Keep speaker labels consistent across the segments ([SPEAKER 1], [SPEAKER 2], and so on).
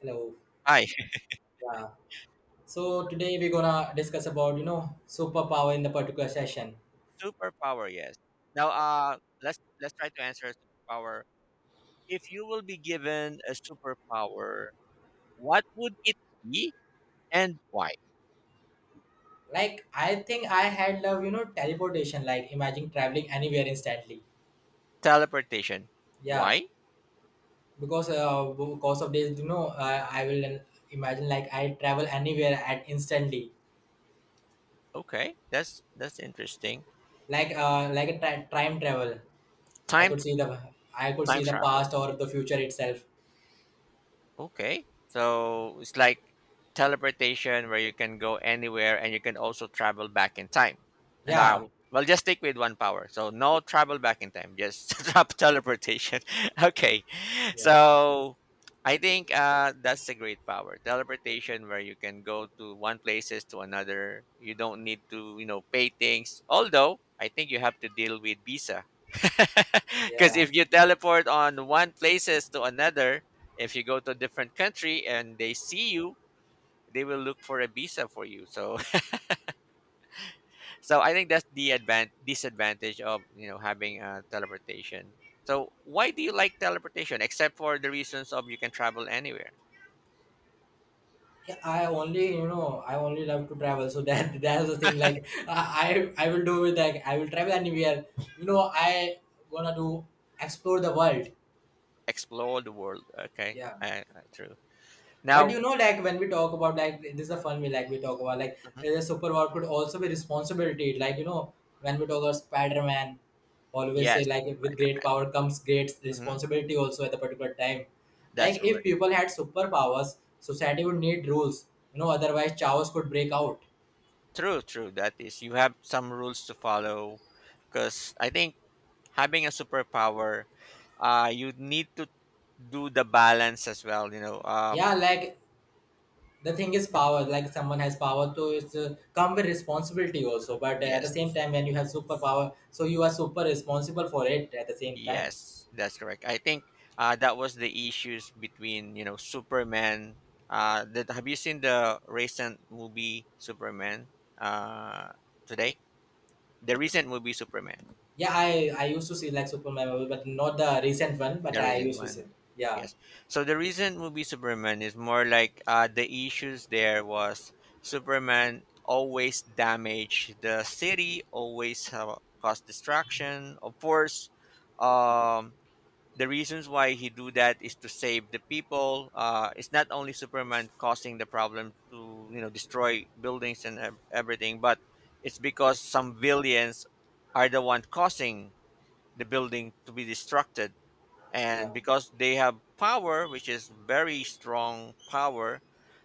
[SPEAKER 1] Hello.
[SPEAKER 2] Hi.
[SPEAKER 1] Yeah. So today we're gonna discuss about superpower in the particular session.
[SPEAKER 2] Superpower, yes. Now, uh, let's try to answer a superpower. If you will be given a superpower, what would it be and why?
[SPEAKER 1] Like I think I had love teleportation. Like imagine traveling anywhere instantly.
[SPEAKER 2] Teleportation.
[SPEAKER 1] Yeah,
[SPEAKER 2] Why?
[SPEAKER 1] because of this I will imagine like I travel anywhere at instantly.
[SPEAKER 2] Okay, that's interesting.
[SPEAKER 1] Like a time travel. I
[SPEAKER 2] Time
[SPEAKER 1] could see the I could
[SPEAKER 2] time
[SPEAKER 1] see the
[SPEAKER 2] travel.
[SPEAKER 1] past or the future itself.
[SPEAKER 2] Okay. So it's like teleportation where you can go anywhere and you can also travel back in time. And I
[SPEAKER 1] Yeah.
[SPEAKER 2] well just stick with one power. So no travel back in time, just drop teleportation. Okay.
[SPEAKER 1] Yeah.
[SPEAKER 2] So I think that's a great power. Teleportation where you can go to one places to another. You don't need to, you know, pay things. Although I think you have to deal with visa. Because
[SPEAKER 1] Yeah.
[SPEAKER 2] if you teleport on one places to another, if you go to a different country and they see you they will look for a visa for you, so so I think that's the advan disadvantage of, you know, having a teleportation. So why do you like teleportation except for the reasons of you can travel anywhere?
[SPEAKER 1] I only, I only love to travel. So that that's the thing. Like I will do with like I will travel anywhere. You know, I gonna do explore the world.
[SPEAKER 2] Explore the world. Okay,
[SPEAKER 1] Yeah.
[SPEAKER 2] true.
[SPEAKER 1] But
[SPEAKER 2] Now
[SPEAKER 1] you know, like when we talk about like this is a fun way. Like we talk about like
[SPEAKER 2] mhm,
[SPEAKER 1] the super power could also be responsibility. Like when we talk about Spider Man, always say
[SPEAKER 2] yes,
[SPEAKER 1] like with great power comes great
[SPEAKER 2] hmm,
[SPEAKER 1] responsibility also at the particular time.
[SPEAKER 2] that's
[SPEAKER 1] Like if
[SPEAKER 2] correct.
[SPEAKER 1] people had superpowers, society would need rules. You know, otherwise chaos could break out.
[SPEAKER 2] True, true, that is you have some rules to follow, because I think having a superpower, you need to do the balance as well, you know.
[SPEAKER 1] Yeah, like the thing is power like someone has power to come with responsibility also but at the same
[SPEAKER 2] Yes,
[SPEAKER 1] time when you have superpower so you are super responsible for it at the same time.
[SPEAKER 2] yes, that's correct. I think that was the issues between, you know, Superman. That, have you seen the recent movie Superman? uh, Today, the recent movie Superman.
[SPEAKER 1] Yeah, I used to see like Superman movie, but not the recent one but
[SPEAKER 2] The
[SPEAKER 1] I
[SPEAKER 2] recent
[SPEAKER 1] used to see.
[SPEAKER 2] one,
[SPEAKER 1] yeah,
[SPEAKER 2] yes. So the recent movie Superman is more like, the issues there was Superman always damage the city, always, cause destruction. Of course, um, the reasons why he do that is to save the people. It's not only Superman causing the problem to, you know, destroy buildings and everything, but it's because some villains are the one causing the building to be destructed,
[SPEAKER 1] yeah,
[SPEAKER 2] and because they have power which is very strong power.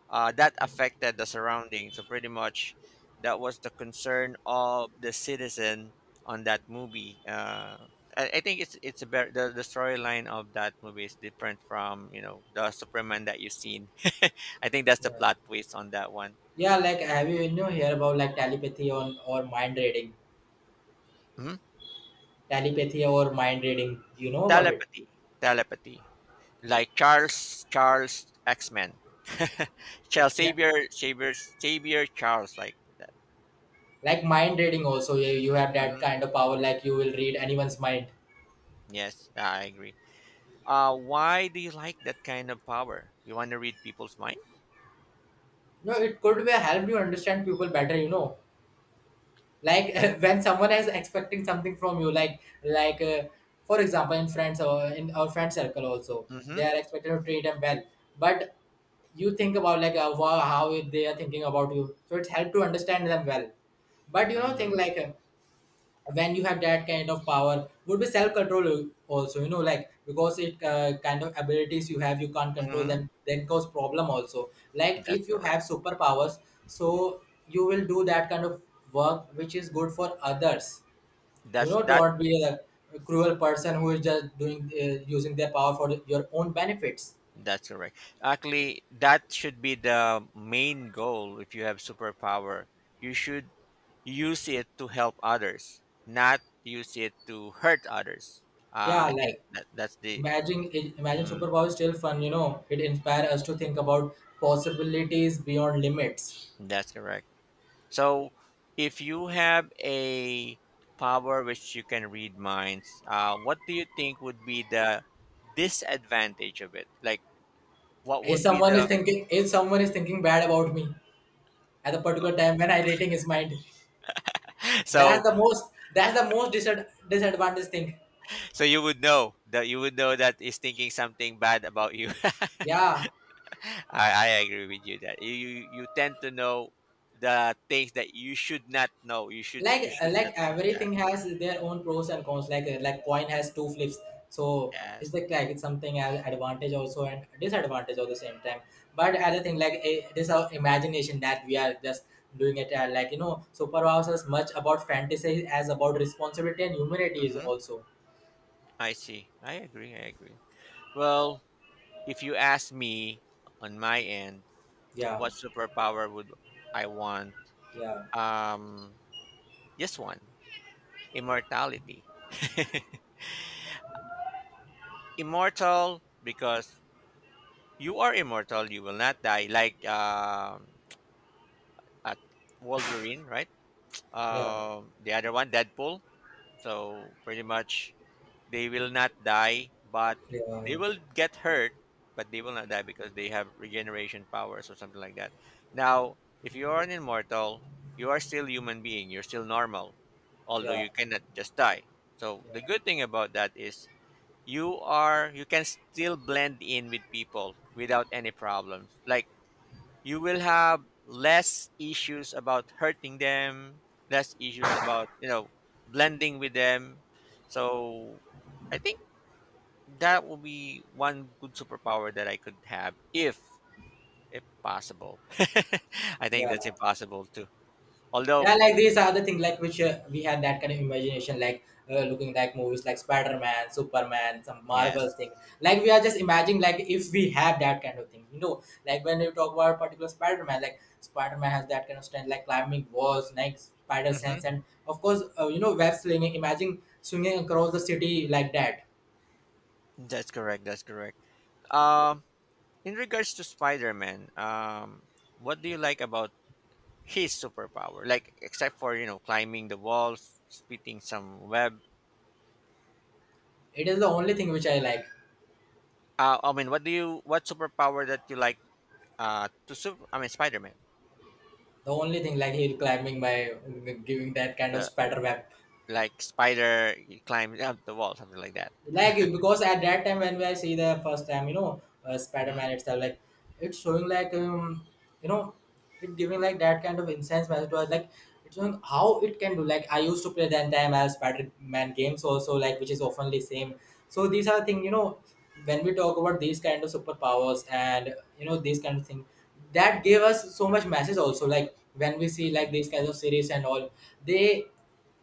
[SPEAKER 2] That affected the surrounding, so pretty much that was the concern of the citizen on that movie. I think it's the storyline of that movie is different from, you know, the Superman that you've seen. I think that's the
[SPEAKER 1] yeah,
[SPEAKER 2] plot twist on that one.
[SPEAKER 1] yeah. Like, have you you know hear about like telepathy on or mind reading?
[SPEAKER 2] Mhm.
[SPEAKER 1] Telepathy or mind reading, you know about it?
[SPEAKER 2] Telepathy, telepathy. Like Charles X-Men. Charles
[SPEAKER 1] Yeah,
[SPEAKER 2] Xavier Xavier Xavier Charles, like that.
[SPEAKER 1] like mind reading also. Yeah, you have that
[SPEAKER 2] Hmm,
[SPEAKER 1] kind of power like you will read anyone's mind.
[SPEAKER 2] yes, I agree. Why do you like that kind of power? You want to read people's mind?
[SPEAKER 1] No, it could be help you understand people better, you know. Like when someone is expecting something from you like for example in friends or in our friend circle also, they
[SPEAKER 2] Mm-hmm.
[SPEAKER 1] are expected to treat them well but you think about like how they are thinking about you so it's helped to understand them well. But you know
[SPEAKER 2] Mm-hmm.
[SPEAKER 1] think like when you have that kind of power would be self-control also, you know, like because it kind of abilities you have, you can't control
[SPEAKER 2] Mm-hmm.
[SPEAKER 1] them then cause problem also like if
[SPEAKER 2] That's
[SPEAKER 1] you have
[SPEAKER 2] correct.
[SPEAKER 1] superpowers. So you will do that kind of work which is good for others. You
[SPEAKER 2] That's
[SPEAKER 1] know,
[SPEAKER 2] that.
[SPEAKER 1] don't be a cruel person who is just doing using their power for your own benefits.
[SPEAKER 2] That's correct. Actually, that should be the main goal. If you have superpower, you should use it to help others, not use it to hurt others.
[SPEAKER 1] Yeah,
[SPEAKER 2] I think
[SPEAKER 1] like
[SPEAKER 2] that that's the.
[SPEAKER 1] imagine, imagine
[SPEAKER 2] Mm-hmm.
[SPEAKER 1] superpower is still fun, you know it inspires us to think about possibilities beyond limits.
[SPEAKER 2] That's correct. So if you have a power which you can read minds, what do you think would be the disadvantage of it? Like what would be the
[SPEAKER 1] If someone is thinking bad about me at a particular time when I rating his mind,
[SPEAKER 2] so
[SPEAKER 1] that's the most disadvantage thing.
[SPEAKER 2] so you would know, that you would know that is thinking something bad about you.
[SPEAKER 1] Yeah,
[SPEAKER 2] I agree with you that you you tend to know the things that you should not know. You should you should not
[SPEAKER 1] like
[SPEAKER 2] yeah
[SPEAKER 1] everything has their own pros and cons. Like coin has two flips, so it's
[SPEAKER 2] yes.
[SPEAKER 1] like it's something as advantage also and disadvantage at the same time. But other thing like this our imagination that we are just doing it like you know superpowers as much about fantasy as about responsibility and humanity is
[SPEAKER 2] Hmm.
[SPEAKER 1] also.
[SPEAKER 2] I see. I agree. Well, if you ask me on my end,
[SPEAKER 1] Yeah,
[SPEAKER 2] what superpower would I want?
[SPEAKER 1] yeah,
[SPEAKER 2] Um, just one, immortality. Immortal because you are immortal, you will not die. Like at Wolverine, right?
[SPEAKER 1] yeah,
[SPEAKER 2] The other one, Deadpool. So pretty much they will not die, but
[SPEAKER 1] yeah,
[SPEAKER 2] they will get hurt, but they will not die because they have regeneration powers or something like that. Now, if you are an immortal, you are still human being, you're still normal, although
[SPEAKER 1] yeah,
[SPEAKER 2] you cannot just die. So the
[SPEAKER 1] yeah,
[SPEAKER 2] good thing about that is you are you can still blend in with people without any problems. Like you will have less issues about hurting them, less issues about, you know, blending with them. So I think that will be one good superpower that I could have if possible. I think
[SPEAKER 1] yeah.
[SPEAKER 2] that's impossible too.
[SPEAKER 1] Yeah,
[SPEAKER 2] Although,
[SPEAKER 1] like these are the things like which we had that kind of imagination, like looking like movies like Spider Man, Superman, some Marvel
[SPEAKER 2] yes.
[SPEAKER 1] thing. Like we are just imagining, like if we have that kind of thing, you know, like when you talk about particular Spider Man, like Spider Man has that kind of strength, like climbing walls, like spider
[SPEAKER 2] Hmm.
[SPEAKER 1] sense, and of course, you know, web slinging. Imagine swinging across the city like that.
[SPEAKER 2] That's correct. That's correct. Um in regards to Spider-Man, what do you like about his superpower? Like except for, you know, climbing the walls, spitting some web.
[SPEAKER 1] It is the only thing which I like.
[SPEAKER 2] I mean, what do you what superpower that you like? To super. I mean, Spider Man.
[SPEAKER 1] The only thing like he'll climbing by giving that kind of
[SPEAKER 2] The
[SPEAKER 1] spider web,
[SPEAKER 2] like spider, he climbs up the wall, something like that.
[SPEAKER 1] like because at that time when I see the first time, you know,
[SPEAKER 2] Hmm.
[SPEAKER 1] Spider-Man itself, like it's showing like you know, it giving like that kind of incense message to us, like it's showing how it can do. Like I used to play that time as Spider-Man games also, like which is often same. So these are things, you know, when we talk about these kind of superpowers and you know these kind of things that gave us so much message also like when we see like these kinds of series and all, they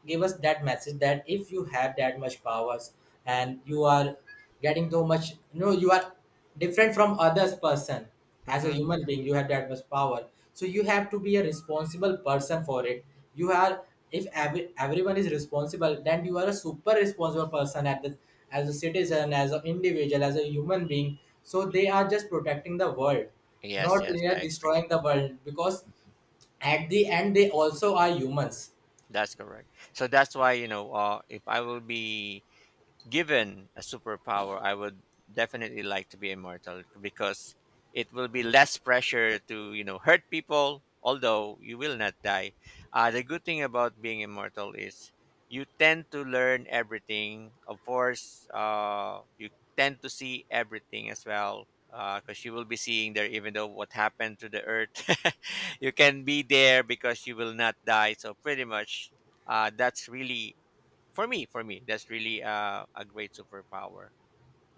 [SPEAKER 1] give us that message that if you have that much powers and you are getting so much, you know, you are different from others person, as a
[SPEAKER 2] Hmm.
[SPEAKER 1] human being you have that much power, so you have to be a responsible person for it. You are, if everyone is responsible, then you are a super responsible person at the, as a citizen, as an individual, as a human being, so they are just protecting the world,
[SPEAKER 2] Yes,
[SPEAKER 1] not
[SPEAKER 2] yes,
[SPEAKER 1] they are
[SPEAKER 2] I agree.
[SPEAKER 1] destroying the world because at the end they also are humans.
[SPEAKER 2] That's correct. So that's why, you know, if I will be given a superpower, I would definitely like to be immortal because it will be less pressure to, you know, hurt people. Although you will not die, the good thing about being immortal is you tend to learn everything. Of course, you tend to see everything as well because you will be seeing there even though what happened to the earth. You can be there because you will not die. So pretty much, that's really for me, that's really a great superpower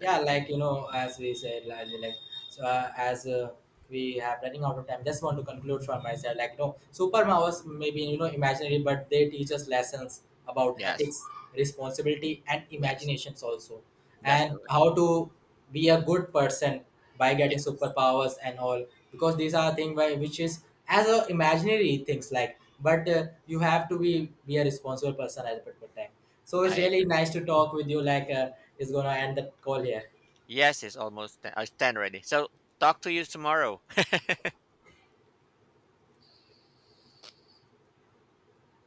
[SPEAKER 2] that you
[SPEAKER 1] like
[SPEAKER 2] can.
[SPEAKER 1] you know as we said like so as we have running out of time, just want to conclude from my side, like you know super powers maybe you know imaginary but they teach us lessons about
[SPEAKER 2] Yes,
[SPEAKER 1] ethics, responsibility and
[SPEAKER 2] yes,
[SPEAKER 1] imaginations also,
[SPEAKER 2] that's
[SPEAKER 1] and
[SPEAKER 2] correct.
[SPEAKER 1] how to be a good person by getting
[SPEAKER 2] Yes,
[SPEAKER 1] superpowers and all, because these are things by which is as a imaginary things like but you have to be a responsible person at a particular time. So it's
[SPEAKER 2] I
[SPEAKER 1] really
[SPEAKER 2] agree.
[SPEAKER 1] nice to talk with you. Like, it's gonna end the call here.
[SPEAKER 2] Yes, it's almost 10. I stand ready. So talk to you tomorrow.